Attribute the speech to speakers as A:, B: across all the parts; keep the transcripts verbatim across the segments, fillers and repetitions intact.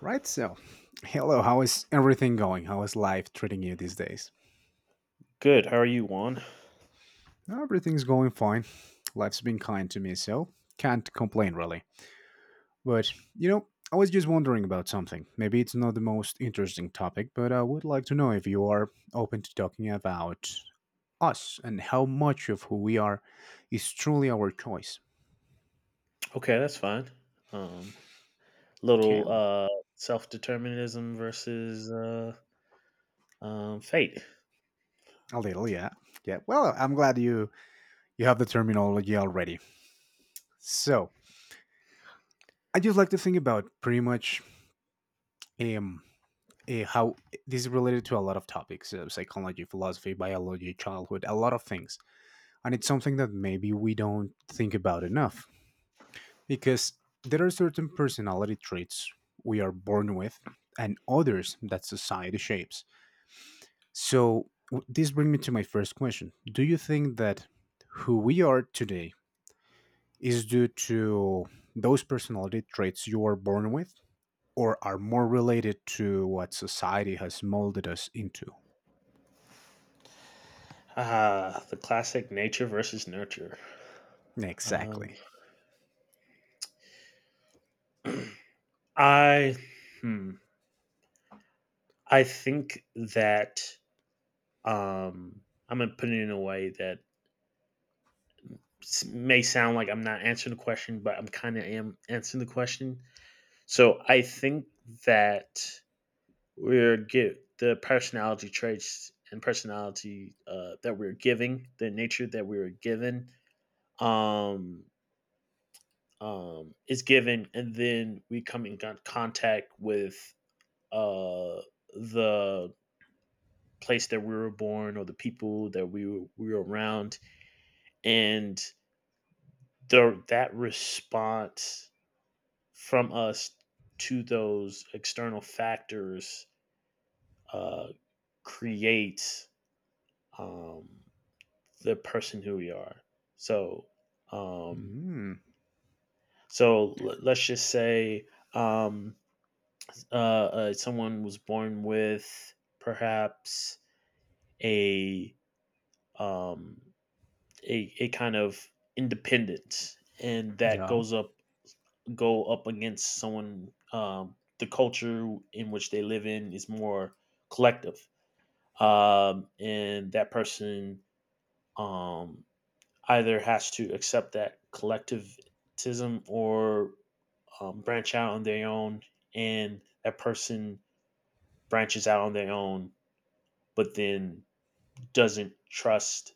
A: Right, so hello, how is everything going? How is life treating you these days?
B: Good. How are you, Juan?
A: Everything's going fine. Life's been kind to me, so can't complain really. But, you know, I was just wondering about something. Maybe it's not the most interesting topic, but I would like to know if you are open to talking about us and how much of who we are is truly our choice.
B: Okay, that's fine. Um,
A: Okay,
B: little uh, self determinism versus uh, um, fate.
A: a little, yeah. Yeah, well, I'm glad you you have the terminology already. So, I just like to think about pretty much um, uh, how eh, this is related to a lot of topics, uh, psychology, philosophy, biology, childhood, a lot of things, and it's something that maybe we don't think about enough, because there are certain personality traits we are born with and others that society shapes. So w- this brings me to my first question: do you think that who we are today is due to those personality traits you are born with, or are more related to what society has molded us into?
B: Ah, the classic nature versus nurture. Um,
A: Exactly.
B: I, hmm, I think that um, I'm gonna put it in a way that s- may sound like I'm not answering the question, but I'm kind of am answering the question. So I think that we're get the personality traits and personality uh, that we're giving, the nature that we were given, um, um, is given, and then we come in contact with uh, the place that we were born or the people that we were, we were around, and the that response from us to those external factors uh, creates um, the person who we are. So, um,
A: Mm,
B: so l- let's just say um, uh, uh, someone was born with perhaps a um, a, a kind of independence, and that
A: yeah.
B: goes up go up against someone. Um, the culture in which they live in is more collective, um, and that person um, either has to accept that collectivism or um, branch out on their own, and that person branches out on their own, but then doesn't trust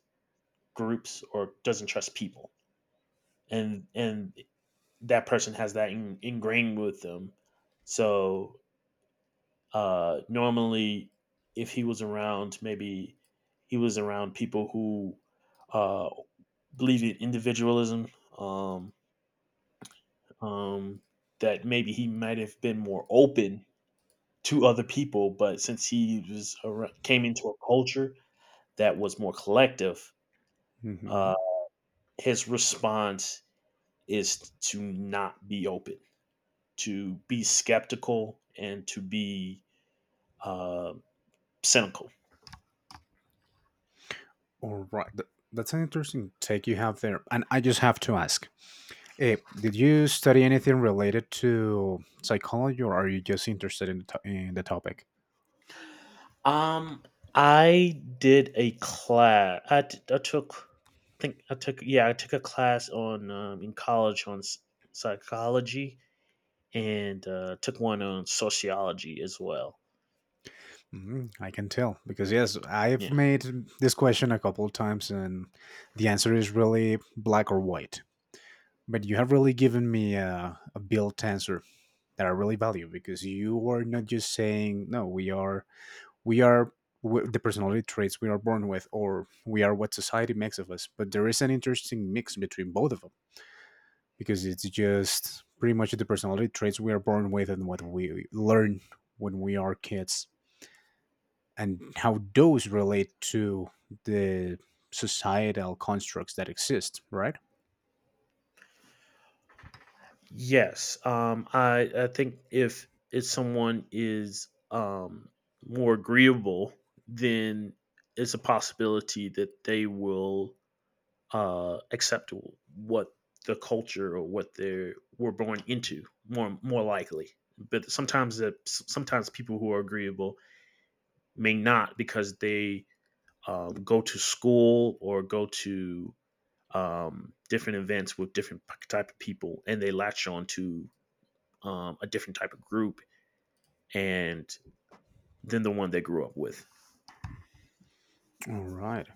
B: groups or doesn't trust people, and and that person has that in, ingrained with them. So uh, normally, if he was around, maybe he was around people who uh, believe in individualism. Um, um, that maybe he might have been more open to other people, but since he was ar- came into a culture that was more collective,
A: Hmm.
B: uh, his response is to not be open, to be skeptical, and to be uh, cynical.
A: All right. Th- That's an interesting take you have there. And I just have to ask, eh, did you study anything related to psychology, or are you just interested in the, to- in the topic?
B: Um, I did a class. I, t- I took, I think I took, yeah, I took a class on um, in college on s- psychology and uh, took one on sociology as well.
A: Mm, I can tell because, yes, I've
B: Yeah.
A: made this question a couple of times, and the answer is really black or white. But you have really given me a, a built answer that I really value, because you are not just saying, no, we are we are w- the personality traits we are born with, or we are what society makes of us, but there is an interesting mix between both of them, because it's just pretty much the personality traits we are born with and what we learn when we are kids, and how those relate to the societal constructs that exist, right?
B: Yes. Um, I I think if if someone is um, more agreeable, then it's a possibility that they will uh, accept what the culture or what they were born into more more likely. But sometimes that sometimes people who are agreeable may not because they um, go to school or go to um, different events with different type of people, and they latch on to um, a different type of group and than the one they grew up with.
A: All right,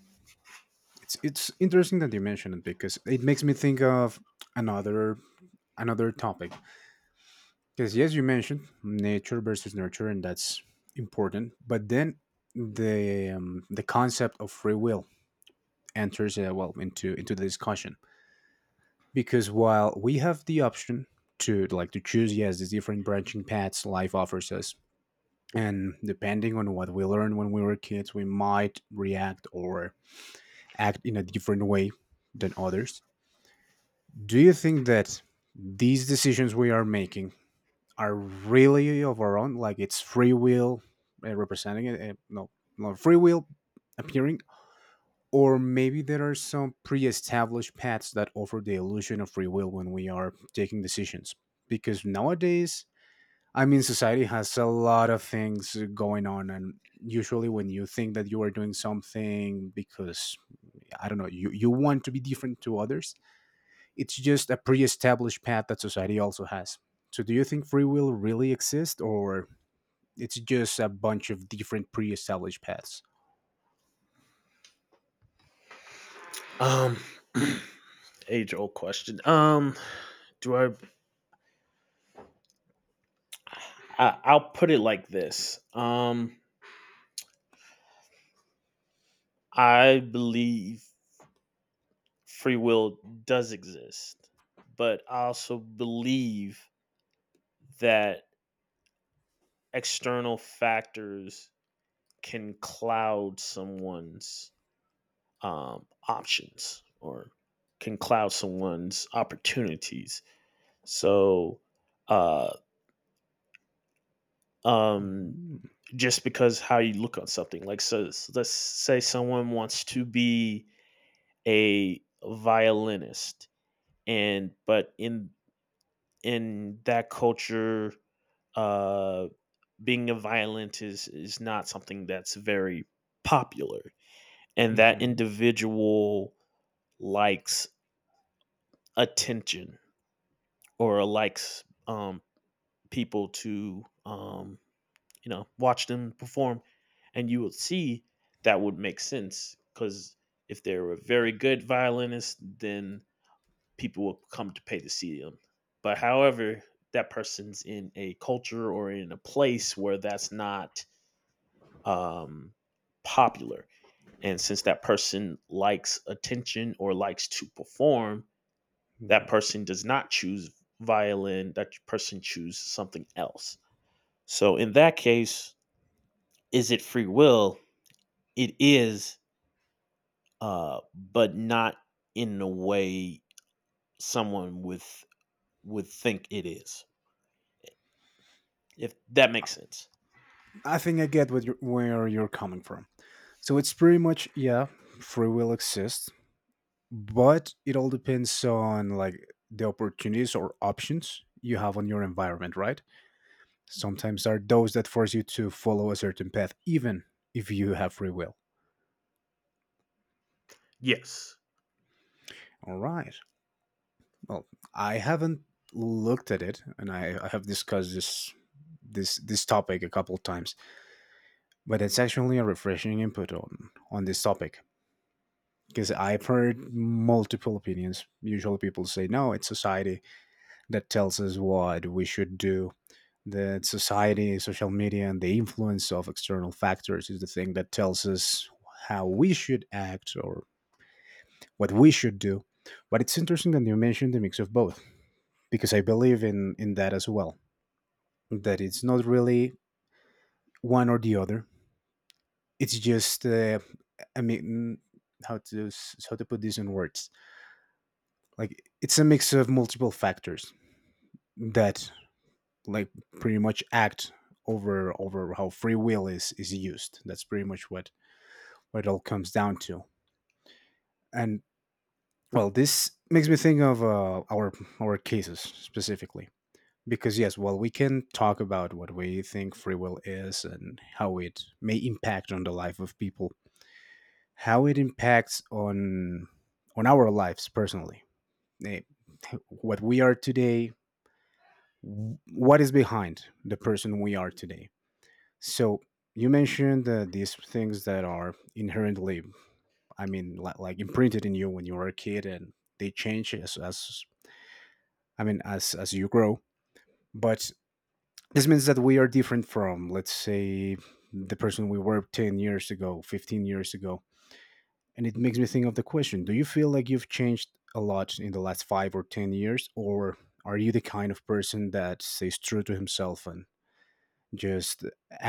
A: it's it's interesting that you mentioned it, because it makes me think of another another topic. Because yes, you mentioned nature versus nurture, and that's important. But then the um, the concept of free will enters uh, well, into into the discussion, because while we have the option to, like, to choose, yes, these different branching paths life offers us, and depending on what we learned when we were kids, we might react or act in a different way than others. Do you think that these decisions we are making are really of our own? Like, it's free will uh, representing it. Uh, no, no free will appearing, or maybe there are some pre-established paths that offer the illusion of free will when we are taking decisions. Because nowadays, I mean, society has a lot of things going on, and usually when you think that you are doing something because, I don't know, you you want to be different to others, it's just a pre-established path that society also has. So, do you think free will really exists, or it's just a bunch of different pre-established paths?
B: Um, age old question. Um, do I, I? I'll put it like this. Um, I believe free will does exist, but I also believe that external factors can cloud someone's um, options or can cloud someone's opportunities. So, uh, um,
A: Hmm.
B: just because how you look on something, like so, so let's say someone wants to be a violinist, and but in in that culture, uh, being a violinist is is not something that's very popular, and that individual likes attention or likes um, people to um, you know watch them perform, and you will see that would make sense because if they're a very good violinist, then people will come to pay to see them. But however, that person's in a culture or in a place where that's not um, popular, and since that person likes attention or likes to perform, that person does not choose violin, that person chooses something else. So in that case, is it free will? It is, uh, but not in the way someone with would think it is. If that makes sense.
A: I think I get what you're, where you're coming from. So it's pretty much, yeah, free will exists, but it all depends on, like, the opportunities or options you have on your environment, right? Sometimes are those that force you to follow a certain path, even if you have free will.
B: Yes.
A: All right. Well, I haven't looked at it, and I, I have discussed this this this topic a couple times, but it's actually a refreshing input on on this topic, because I've heard multiple opinions. Usually, people say no, it's society that tells us what we should do. That society, social media, and the influence of external factors is the thing that tells us how we should act or what we should do. But it's interesting that you mentioned the mix of both, because I believe in in that as well. That it's not really one or the other. It's just uh, I mean, how to s- how to put this in words. Like, it's a mix of multiple factors that, like, pretty much act over over how free will is is used. That's pretty much what what it all comes down to. And well, this makes me think of uh, our our cases specifically, because yes, well, we can talk about what we think free will is and how it may impact on the life of people, how it impacts on on our lives personally. Eh, what we are today, w- what is behind the person we are today. So you mentioned uh, these things that are inherently, I mean, li- like imprinted in you when you were a kid, and they change as, as I mean, as as you grow, but this means that we are different from, let's say, the person we were ten years ago, fifteen years ago. And it makes me think of the question: do you feel like you've changed a lot in the last five or ten years? Or are you the kind of person that stays true to himself and just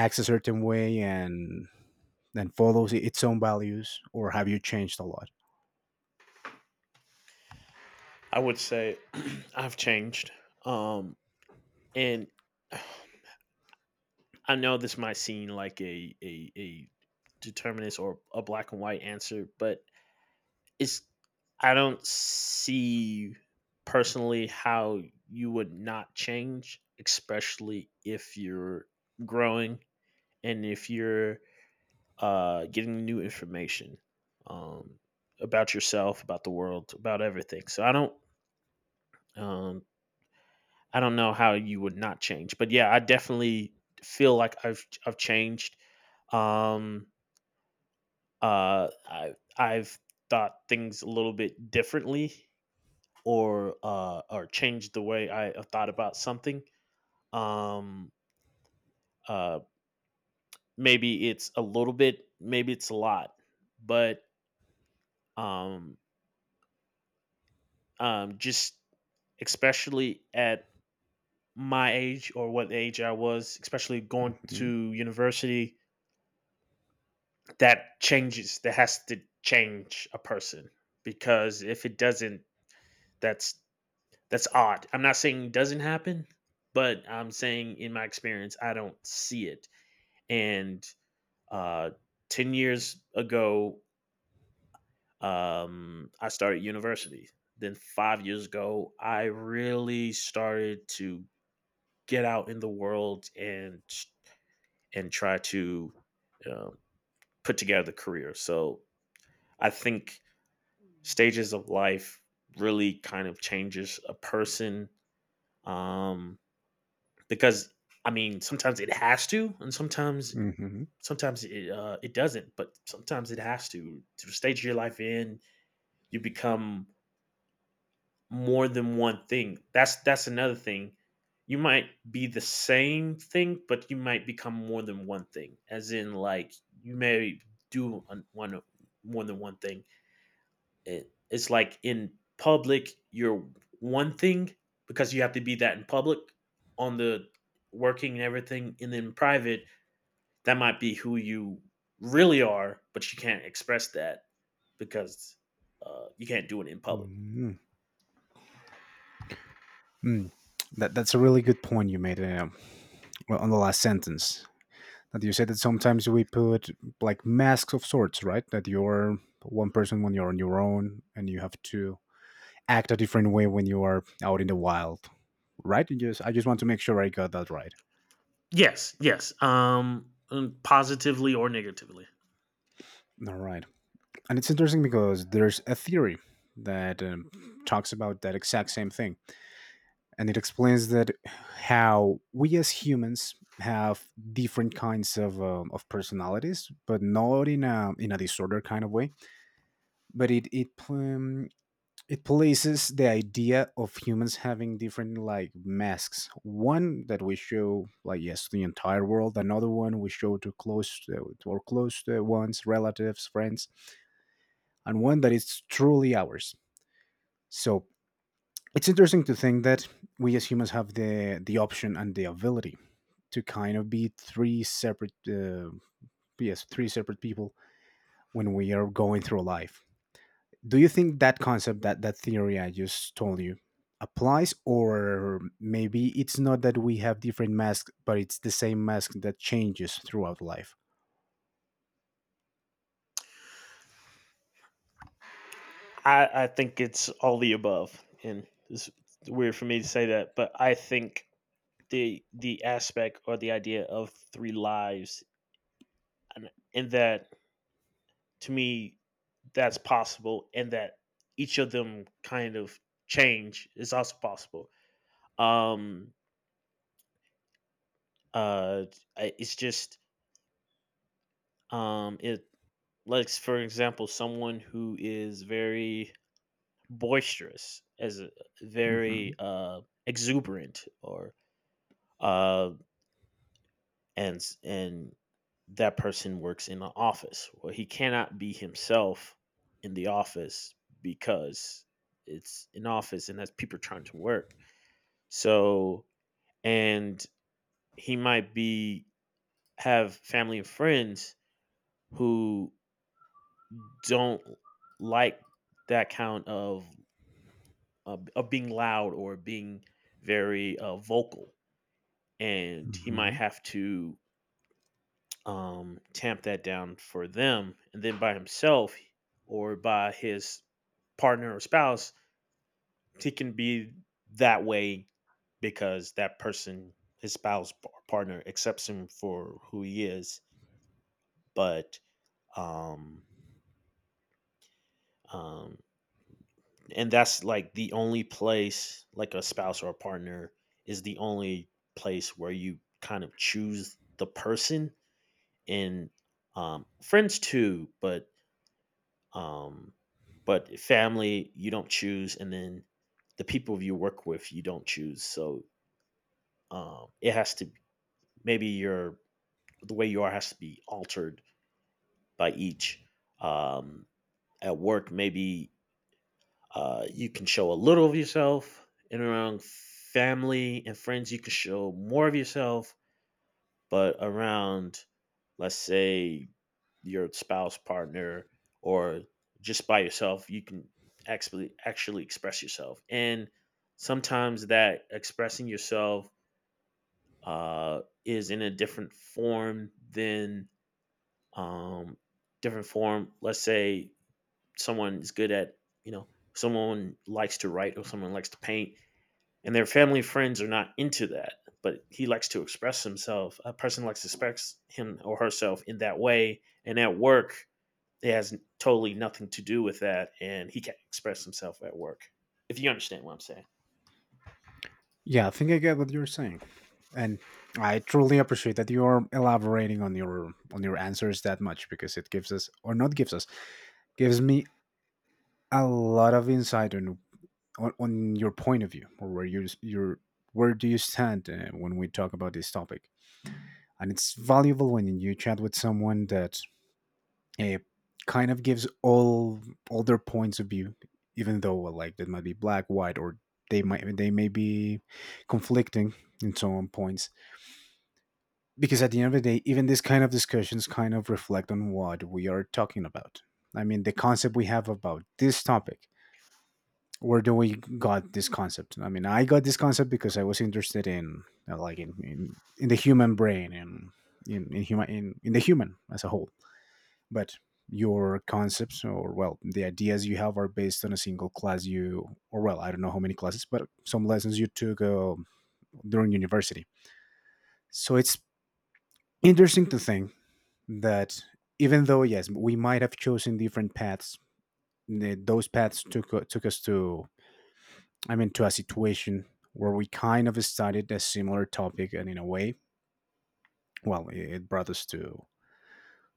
A: acts a certain way and then follows its own values? Or have you changed a lot?
B: I would say I've changed. Um, and I know this might seem like a, a, a determinist or a black and white answer, but it's I don't see personally how you would not change, especially if you're growing and if you're uh, getting new information um, about yourself, about the world, about everything. So I don't um, I don't know how you would not change, but yeah, I definitely feel like I've I've changed. Um, uh, I I've thought things a little bit differently or uh, or change the way I uh, thought about something. Um, uh, maybe it's a little bit, maybe it's a lot, but um, um, just especially at my age or what age I was, especially going
A: Mhm,
B: to university, that changes. That has to change a person because if it doesn't, that's that's odd. I'm not saying it doesn't happen, but I'm saying in my experience, I don't see it. And Uh, ten years ago, um, I started university. Then five years ago, I really started to get out in the world and and try to uh, put together a career. So I think stages of life really kind of changes a person um, because I mean sometimes it has to, and sometimes
A: mhm,
B: sometimes it uh, it doesn't, but sometimes it has to. To stage your life in, you become more than one thing. That's that's another thing. You might be the same thing, but you might become more than one thing. As in, like you may do one more than one thing. It, it's like in public, you're one thing because you have to be that in public on the working and everything, and then private, that might be who you really are, but you can't express that because uh, you can't do it in public.
A: mhm. Mm. That, that's a really good point you made, uh, well, on the last sentence. That you said that sometimes we put, like, masks of sorts, right? That you're one person when you're on your own and you have to act a different way when you are out in the wild, right? You just I just want to make sure I got that right.
B: Yes, yes. Um, mm, positively or negatively.
A: All right, and it's interesting because there's a theory that um, talks about that exact same thing, and it explains that how we as humans have different kinds of um, of personalities, but not in a in a disorder kind of way. But it it um, it places the idea of humans having different, like, masks: one that we show, like, yes, to the entire world, another one we show to close to our close to ones, relatives, friends, and one that is truly ours. So it's interesting to think that we as humans have the the option and the ability to kind of be three separate, uh, yes, three separate people when we are going through life. Do you think that concept, that that theory I just told you, applies, or maybe it's not that we have different masks but it's the same mask that changes throughout life?
B: I, I think it's all the above, and it's weird for me to say that, but I think the the aspect or the idea of three lives, and, and that to me, that's possible, and that each of them kind of change is also possible. Um, uh, I- it's just um, it like for example, someone who is very boisterous as a, very
A: Hmm.
B: uh exuberant or uh and and that person works in the office. Well, he cannot be himself in the office because it's an office and that's people trying to work, so and he might be have family and friends who don't like that count of of, of being loud or being very uh, vocal, and he might
A: Hmm.
B: have to um, tamp that down for them, and then by himself or by his partner or spouse, he can be that way because that person, his spouse or partner, accepts him for who he is. But um, um, and that's like the only place, like a spouse or a partner, is the only place where you kind of choose the person, and um, friends too, but um, but family you don't choose, and then the people you work with you don't choose. So um, it has to, maybe your the way you are has to be altered by each. Um, at work, maybe uh, you can show a little of yourself, and around family and friends, you can show more of yourself, but around, let's say, your spouse partner or just by yourself, you can actually actually express yourself, and sometimes that expressing yourself uh, is in a different form than um, different form. Let's say someone is good at, you know, someone likes to write or someone likes to paint, and their family friends are not into that, but he likes to express himself, a person likes to express him or herself in that way, and at work it has totally nothing to do with that and he can't express himself at work, if you understand what I'm saying.
A: Yeah, I think I get what you're saying. And I truly appreciate that you're elaborating on your on your answers that much, because it gives us, or not gives us, gives me a lot of insight on on, on your point of view, or where you your where do you stand, uh, when we talk about this topic. And it's valuable when you chat with someone that, eh, kind of gives all all their points of view, even though, well, like, that might be black, white, or they might they may be conflicting in some points. Because at the end of the day, even this kind of discussions kind of reflect on what we are talking about. I mean, the concept we have about this topic. Where do we got this concept? I mean, I got this concept because I was interested in uh, like in, in, in the human brain and in in, human, in in the human as a whole. But your concepts, or well, the ideas you have are based on a single class you, or well, I don't know how many classes, but some lessons you took, uh, during university. So it's interesting to think that even though, yes, we might have chosen different paths, the, those paths took, uh, took us to, I mean, to a situation where we kind of studied a similar topic, and in a way, well, it, it brought us to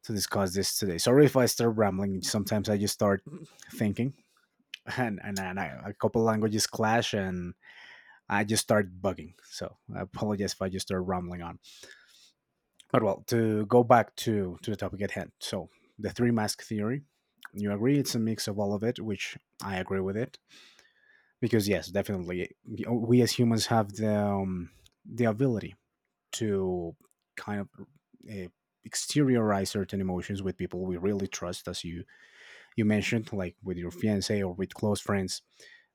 A: to discuss this today. Sorry if I start rambling, sometimes I just start thinking and and, and I, a couple languages clash, and I just start bugging. So I apologize if I just start rambling on. But well, to go back to to the topic at hand. So the three mask theory, you agree it's a mix of all of it, which I agree with it because yes, definitely we as humans have the um, the ability to kind of uh, exteriorize certain emotions with people we really trust, as you you mentioned, like with your fiance or with close friends.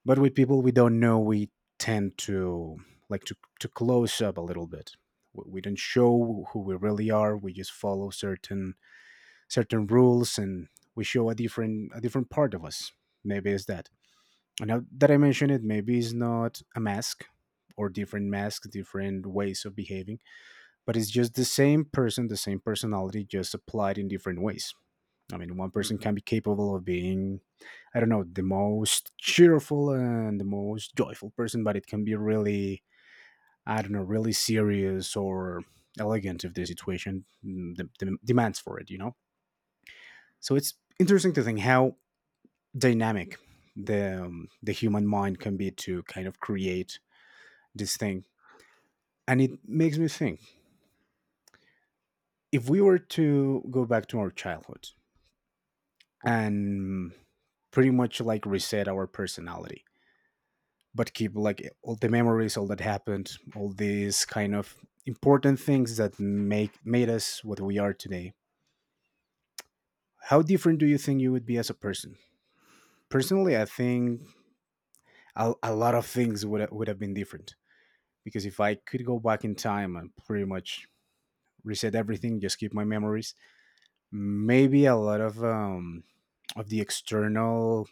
A: But with people we don't know, we tend to like to, to close up a little bit. We we don't show who we really are, we just follow certain certain rules and we show a different a different part of us. Maybe it's that. And now that I mention it, maybe it's not a mask or different masks, different ways of behaving, but it's just the same person, the same personality just applied in different ways. I mean, one person
B: hmm
A: can be capable of being, I don't know, the most cheerful and the most joyful person, but it can be really, I don't know, really serious or elegant if the situation mm, de- de- demands for it, you know? So it's interesting to think how dynamic the, um, the human mind can be to kind of create this thing. And it makes me think, if we were to go back to our childhood and pretty much like reset our personality but keep like all the memories, all that happened, all these kind of important things that make made us what we are today, how different do you think you would be as a person? Personally, I think a, a lot of things would, would have been different, because if I could go back in time and pretty much reset everything, just keep my memories, maybe a lot of um of the external,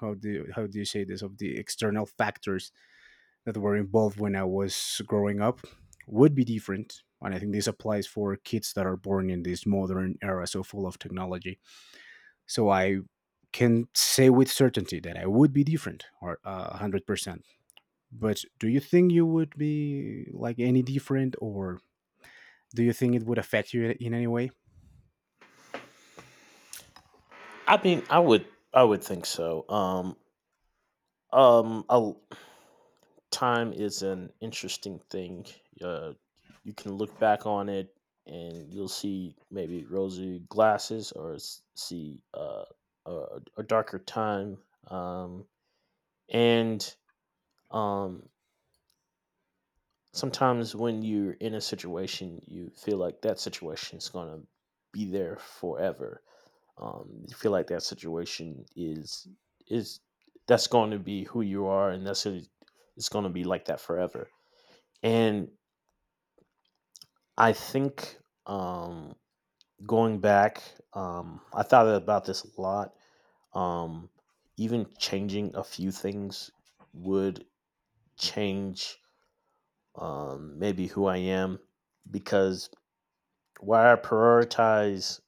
A: how do you, how do you say this, of the external factors that were involved when I was growing up would be different. And I think this applies for kids that are born in this modern era, so full of technology. So I can say with certainty that I would be different or uh, one hundred percent. But do you think you would be like any different, or do you think it would affect you in any way?
B: I mean, i would I would think so. um Um, I Time is an interesting thing. Uh, you can look back on it and you'll see maybe rosy glasses or s- see uh, a, a darker time. Um, and um, sometimes when you're in a situation, you feel like that situation is going to be there forever, um, you feel like that situation is is that's going to be who you are and that's it, it's going to be like that forever, and I think, um, going back, um, I thought about this a lot. um, even changing a few things would change, um, maybe who I am, because why I prioritize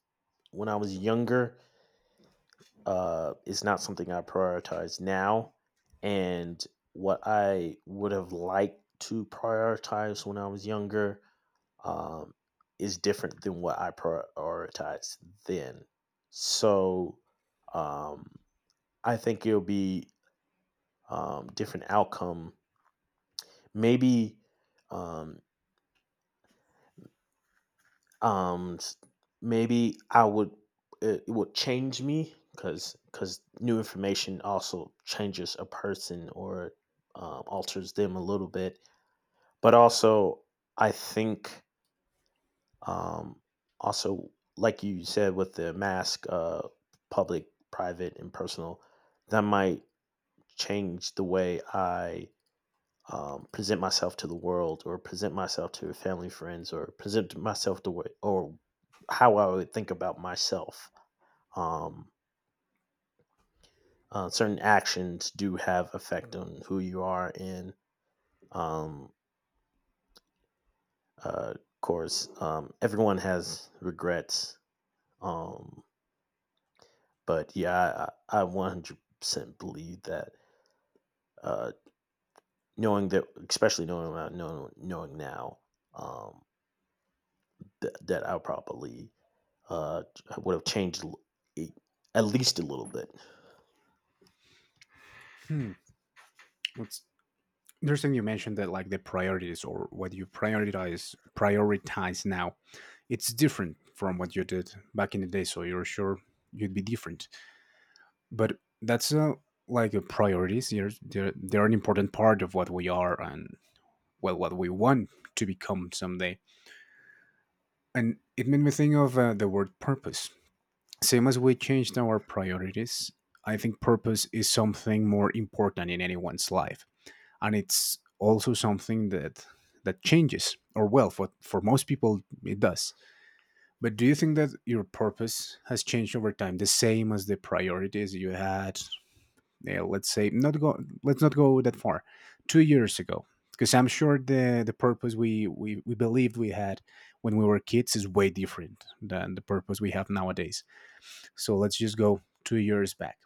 B: when I was younger uh, is not something I prioritize now. And what I would have liked to prioritize when I was younger um, is different than what I prioritized then. So um, I think it'll be um, different outcome. Maybe um, um s- maybe I would, it, it would change me because because new information also changes a person or um, alters them a little bit, but also I think um also like you said with the mask, uh public, private and personal, that might change the way I um, present myself to the world or present myself to family friends or present myself the way or how I would think about myself. Um, uh, certain actions do have effect on who you are, and um, uh, of course um, everyone has regrets, um, but yeah, I, I I one hundred percent believe that, uh, knowing that, especially knowing what I know knowing now, um, th- that I'll probably, uh, would have changed l- e- at least a little bit.
A: Hmm. Let's interesting you mentioned that, like the priorities or what you prioritize prioritize now, it's different from what you did back in the day, so you're sure you'd be different. But that's uh, like a priorities, they're, they're, they're an important part of what we are and well, what we want to become someday. And it made me think of uh, the word purpose. Same as we changed our priorities, I think purpose is something more important in anyone's life, and it's also something that that changes, or well, for, for, most people it does. But do you think that your purpose has changed over time, the same as the priorities you had? Yeah, let's say not go let's not go that far. Two years ago, because I'm sure the the purpose we, we we believed we had when we were kids is way different than the purpose we have nowadays. So let's just go two years back.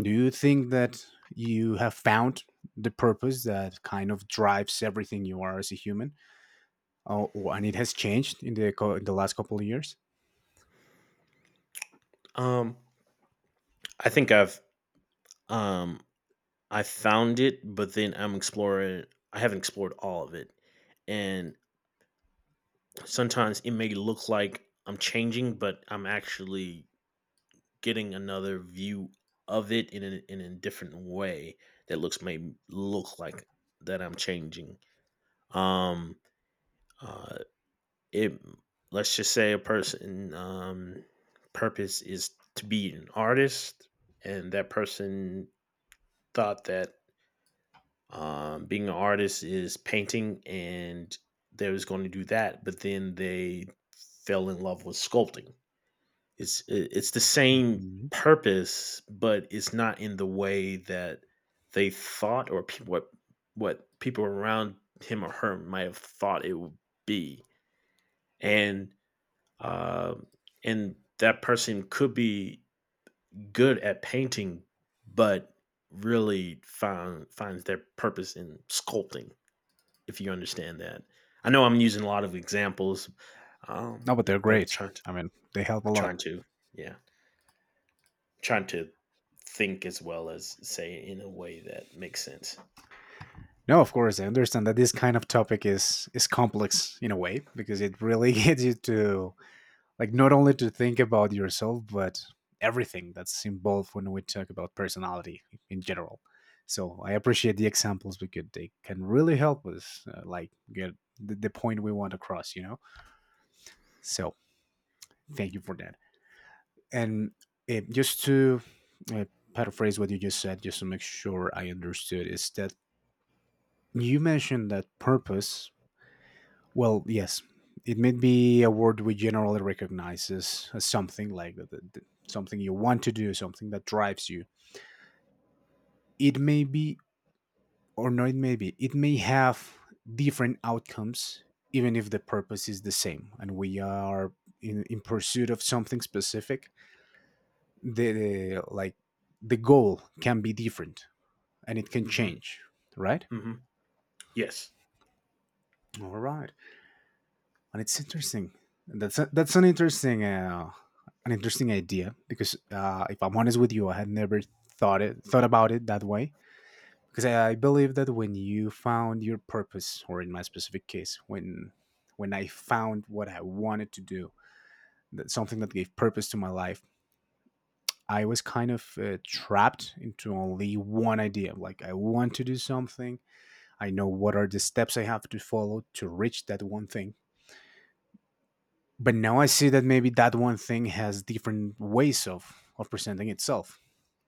A: Do you think that you have found the purpose that kind of drives everything you are as a human? Oh, oh, and it has changed in the co- in the last couple of years.
B: Um, I think I've um I found it, but then I'm exploring. I haven't explored all of it, and sometimes it may look like I'm changing, but I'm actually getting another view of it in a, in a different way that looks may look like that I'm changing. Um, uh, it Let's just say a person um purpose is to be an artist, and that person thought that um being an artist is painting, and they was going to do that, but then they fell in love with sculpting. It's it- it's the same
A: Mhm.
B: purpose, but it's not in the way that they thought, or people what what people around him or her might have thought it would be. And uh, and that person could be good at painting, but really find finds their purpose in sculpting. If you understand that, I know I'm using a lot of examples, um,
A: No, but they're
B: but I'm
A: great.
B: trying to
A: I mean, they help a lot.
B: trying to yeah trying to think as well as say it in a way that makes sense.
A: No, of course, I understand that this kind of topic is is complex in a way, because it really gets you to like not only to think about yourself but everything that's involved when we talk about personality in general. So I appreciate the examples because they can really help us uh, like get the, the point we want across, you know. So thank you for that. And uh, just to uh, paraphrase what you just said, just to make sure I understood, is that you mentioned that purpose. Well, yes, it may be a word we generally recognize as, as something like that, that- that- something you want to do, something that drives you. It may be, or no, it may be, it may have different outcomes, even if the purpose is the same, and we are in, in pursuit of something specific. The, the like the goal can be different, and it can
B: hmm
A: change, right?
B: hmm Yes.
A: All right. And it's interesting. That's a, that's an interesting uh, an interesting idea, because uh, if I'm honest with you, I had never thought it thought about it that way. Because I, I believe that when you found your purpose, or in my specific case, when when I found what I wanted to do, that something that gave purpose to my life, I was kind of uh, trapped into only one idea. Like I want to do something. I know what are the steps I have to follow to reach that one thing. But now I see that maybe that one thing has different ways of of presenting itself.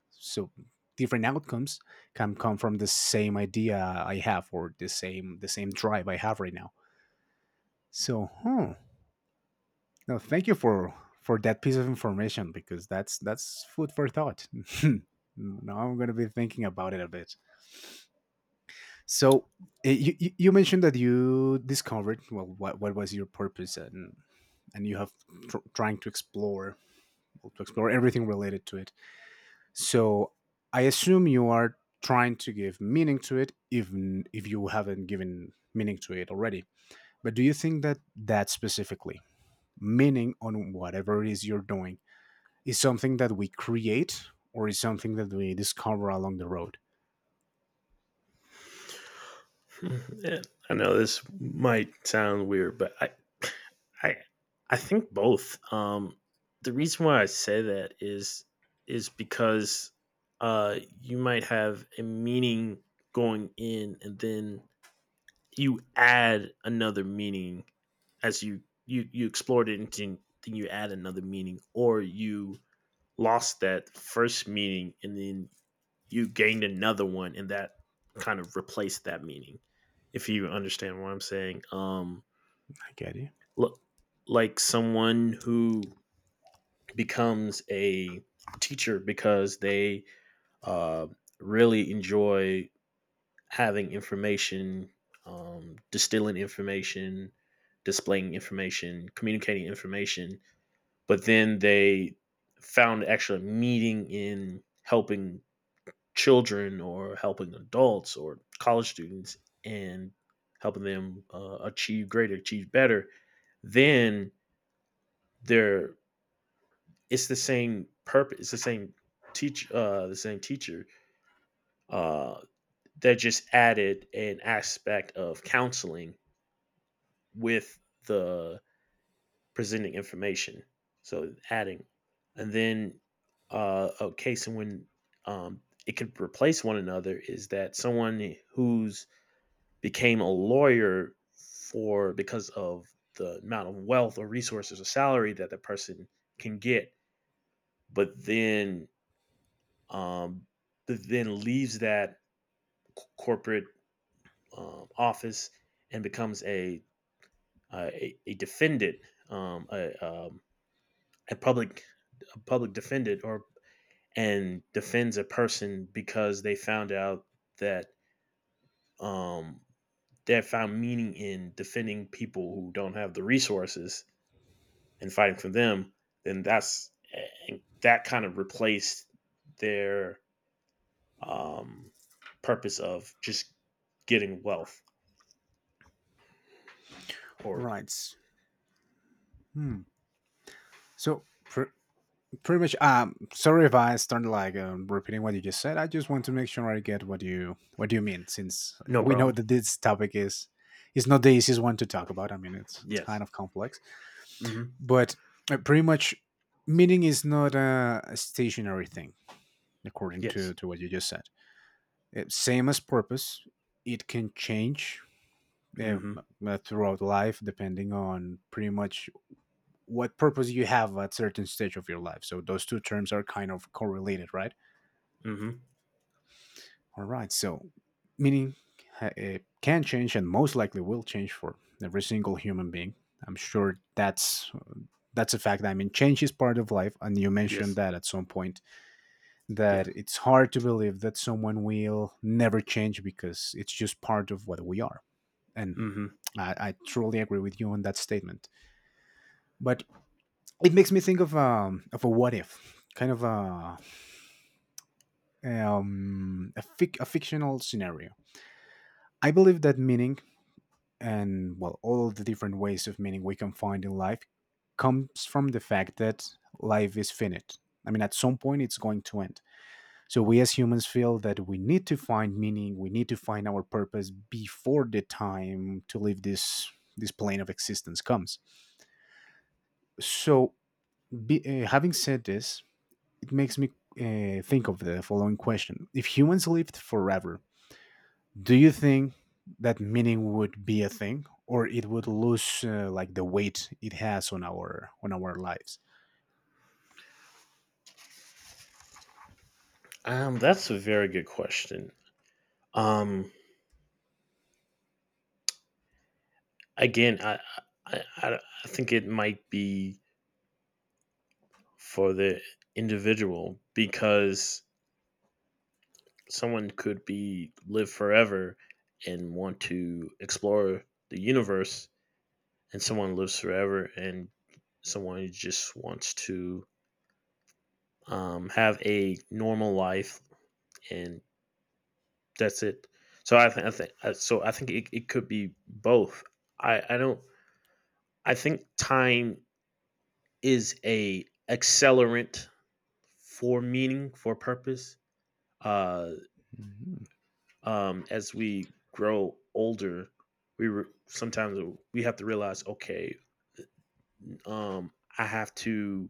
A: So different outcomes can come from the same idea I have or the same the same drive I have right now. So, hmm. No, thank you for for that piece of information, because that's that's food for thought. Now I'm going to be thinking about it a bit. So, eh, you you you mentioned that you discovered well what what was your purpose, and and you have tr- trying to explore to explore everything related to it. So I assume you are trying to give meaning to it even if you haven't given meaning to it already. But do you think that that specifically meaning on whatever it is you're doing is something that we create or is something that we discover along the road?
B: Yeah, I know this might sound weird, but I, I, I think both. Um, the reason why I say that is is because uh, you might have a meaning going in, and then you add another meaning as you you you explored it, and then then you add another meaning, or you lost that first meaning, and then you gained another one, and that kind of replaced that meaning. If you understand what i'm saying um
A: I get it.
B: look like someone who becomes a teacher because they uh, really enjoy having information, um, distilling information, displaying information, communicating information, but then they found actually meaning in helping children or helping adults or college students and helping them uh, achieve greater, achieve better. Then they're it's the same purpose, it's the same teach, uh, the same teacher. Uh, that just added an aspect of counseling with the presenting information. So adding, and then uh, a case in when um, it could replace one another is that someone who's became a lawyer for because of the amount of wealth or resources or salary that the person can get, but then um, then leaves that corporate um, office and becomes a uh, a, a defendant, um, a, um, a public a public defendant, or and defends a person because they found out that um, they found meaning in defending people who don't have the resources and fighting for them. Then that's that kind of replaced their um, purpose of just getting wealth. Or
A: Right. Hmm. So pretty much um sorry if I start like um, repeating what you just said, I just want to make sure I get what you what you mean, since
B: no
A: we know
B: problem.
A: that this topic is is not the easiest one to talk about, I mean it's it's kind
B: Yes,
A: of complex.
B: mm-hmm.
A: But uh, pretty much, meaning is not a, a stationary thing according
B: Yes,
A: to to what you just said. Uh, same as purpose, it can change, uh,
B: mm-hmm.
A: uh, throughout life depending on pretty much what purpose you have at certain stage of your life, so those two terms are kind of correlated, right?
B: Mm-hmm.
A: All right. So, meaning, uh, it can change and most likely will change for every single human being. I'm sure that's that's a fact. I mean, change is part of life, and you mentioned
B: Yes,
A: that at some point that
B: yes.
A: it's hard to believe that someone will never change because it's just part of what we are. And
B: Hmm.
A: I, I truly agree with you on that statement. But it makes me think of um of a what if, kind of a um a, fic- a fictional scenario. I believe that meaning and well all the different ways of meaning we can find in life comes from the fact that life is finite. I mean, at some point it's going to end, so we as humans feel that we need to find meaning, we need to find our purpose before the time to leave this this plane of existence comes. So, be, uh, having said this, it makes me uh, think of the following question. If humans lived forever, do you think that meaning would be a thing, or it would lose uh, like the weight it has on our on our lives?
B: Um, that's a very good question. Um, Again, I, I, I I think it might be for the individual, because someone could be live forever and want to explore the universe, and someone lives forever and someone just wants to um, have a normal life, and that's it. So I, th- I think uh, so I think it, it could be both. I i don't i think time is a accelerant for meaning, for purpose. uh
A: Mhm.
B: um, as we grow older, we re- sometimes we have to realize, okay, um, I have to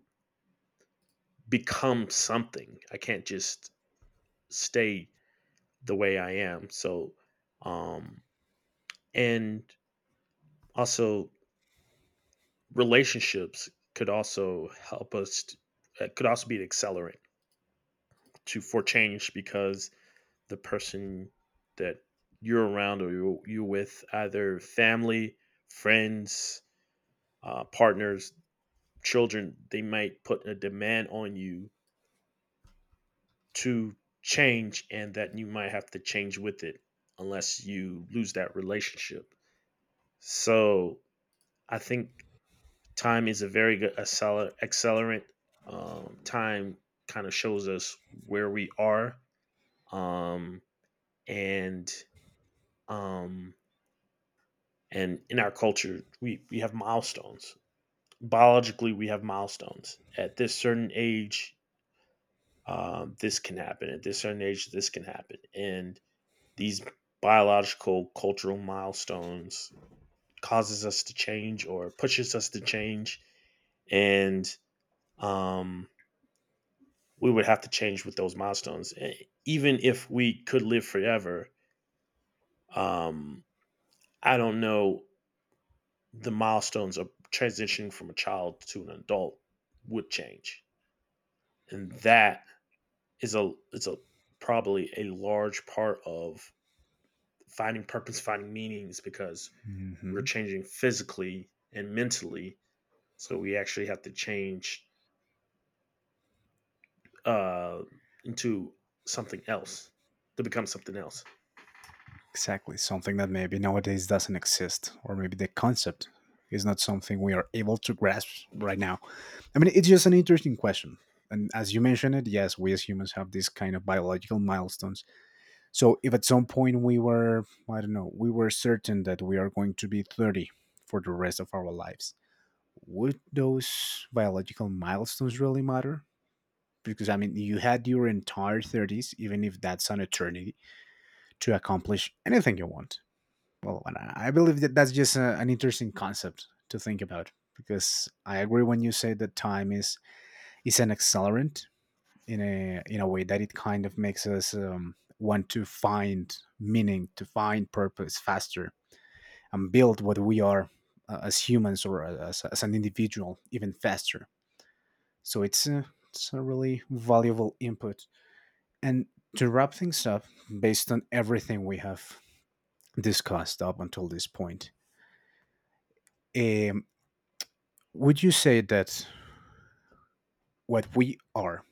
B: become something. I can't just stay the way I am. So, um, and also relationships could also help us. T- uh, could also be an accelerant to for change because the person that you're around or you're, you're with, either family, friends, uh, partners, children, they might put a demand on you to change, and that you might have to change with it unless you lose that relationship. So I think time is a very good acceler- accelerant. Um, time kind of shows us where we are, um, and um, and in our culture we, we have milestones. Biologically we have milestones at this certain age, um, this can happen, at this certain age this can happen, and these biological cultural milestones causes us to change or pushes us to change. And um, we would have to change with those milestones. E- even if we could live forever, um, I don't know, the milestones of transitioning from a child to an adult would change. And that is a is a probably a large part of finding purpose, finding meanings, because we're
A: Mhm.
B: changing physically and mentally. So we actually have to change uh, into something else to become something else.
A: Exactly, something that maybe nowadays doesn't exist, or maybe the concept is not something we are able to grasp right now. I mean, it's just an interesting question. And as you mentioned it, yes, we as humans have these kind of biological milestones. So if at some point we were, I don't know, we were certain that we are going to be thirty for the rest of our lives, would those biological milestones really matter? Because I mean, you had your entire thirties, even if that's an eternity, to accomplish anything you want. Well, and I I believe that that's just a, an interesting concept to think about, because I agree when you say that time is is an accelerant in a in a way that it kind of makes us um, want to find meaning, to find purpose faster, and build what we are uh, as humans or uh, as, as an individual even faster. So it's a, it's a really valuable input. And to wrap things up, based on everything we have discussed up until this point, um, would you say that what we are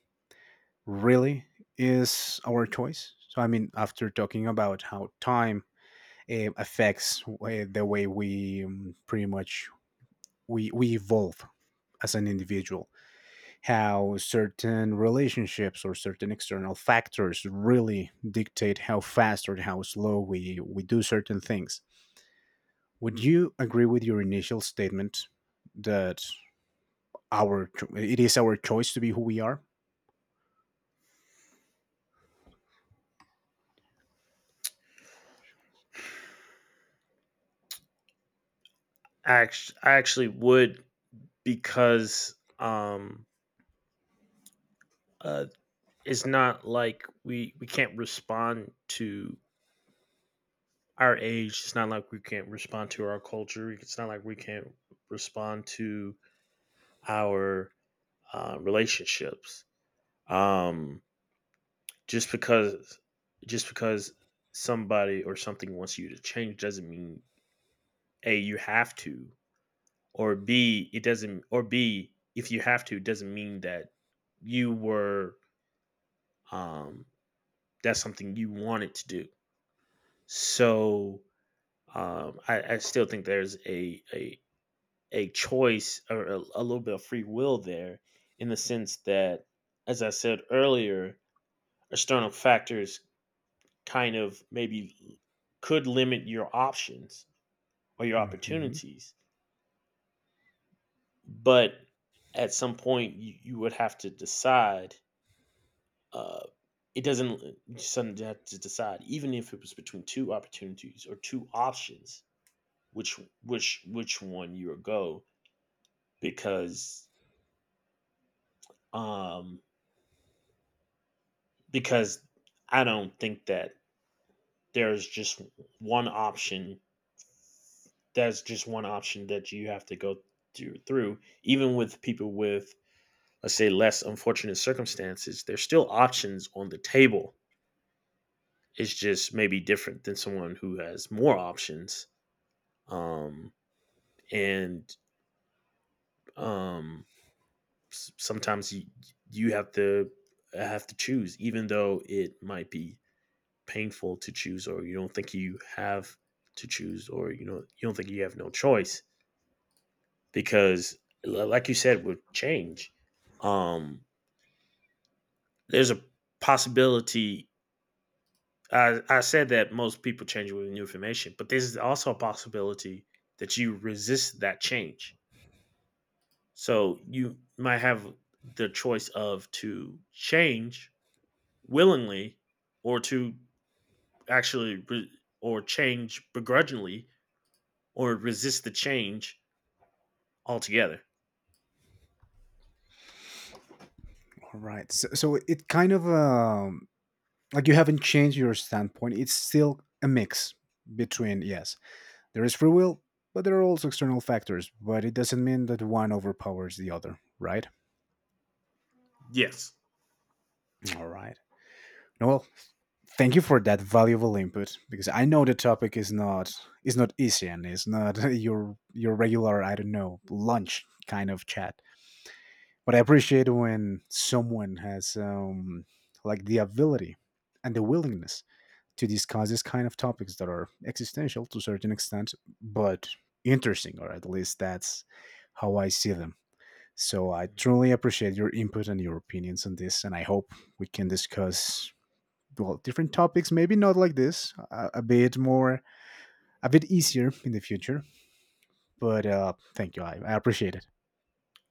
A: really is our choice? So, I mean, after talking about how time uh, affects uh, the way we um, pretty much we, we evolve as an individual, how certain relationships or certain external factors really dictate how fast or how slow we, we do certain things. Would you agree with your initial statement that our cho- it is our choice to be who we are?
B: I actually, I actually would, because um, uh, it's not like we we can't respond to our age. It's not like we can't respond to our culture. It's not like we can't respond to our uh, relationships. Um, just because just because somebody or something wants you to change doesn't mean a, you have to, or b it doesn't or b, if you have to, it doesn't mean that you were um that's something you wanted to do. So um i, I still think there's a a a choice, or a, a little bit of free will there, in the sense that, as I said earlier, external factors kind of maybe could limit your options or your
A: Mm-hmm.
B: opportunities. But at some point, you, you would have to decide. Uh, it doesn't uh, You suddenly have to decide, even if it was between two opportunities or two options, which which which one you would go, because um because I don't think that there's just one option, that's just one option that you have to go through, through. Even with people with, let's say, less unfortunate circumstances, there's still options on the table. It's just maybe different than someone who has more options. Um and um Sometimes you you have to, have to choose, even though it might be painful to choose, or you don't think you have to choose, or you know, you don't think you have no choice, because, li- like you said, with change, um there's a possibility. I, I said that most people change with new information, but there's also a possibility that you resist that change. So you might have the choice of to change willingly, or to actually re- or change begrudgingly, or resist the change altogether.
A: All right. So, so it kind of um, like you haven't changed your standpoint. It's still a mix between yes, there is free will, but there are also external factors. But it doesn't mean that one overpowers the other, right?
B: Yes.
A: All right. No, well, thank you for that valuable input, because I know the topic is not is not easy and it's not your your regular I don't know lunch kind of chat. But I appreciate when someone has um, like the ability and the willingness to discuss these kind of topics that are existential to a certain extent, but interesting, or at least that's how I see them. So I truly appreciate your input and your opinions on this, and I hope we can discuss well different topics maybe not like this a, a bit more a bit easier in the future. But uh thank you, I, I appreciate it.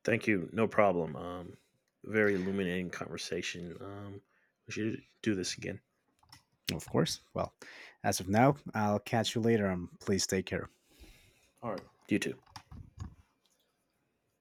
B: Thank you. No problem. Um, very illuminating conversation. Um, we should do this again.
A: Of course. Well, as of now, I'll catch you later. Um please take care.
B: All right. You too.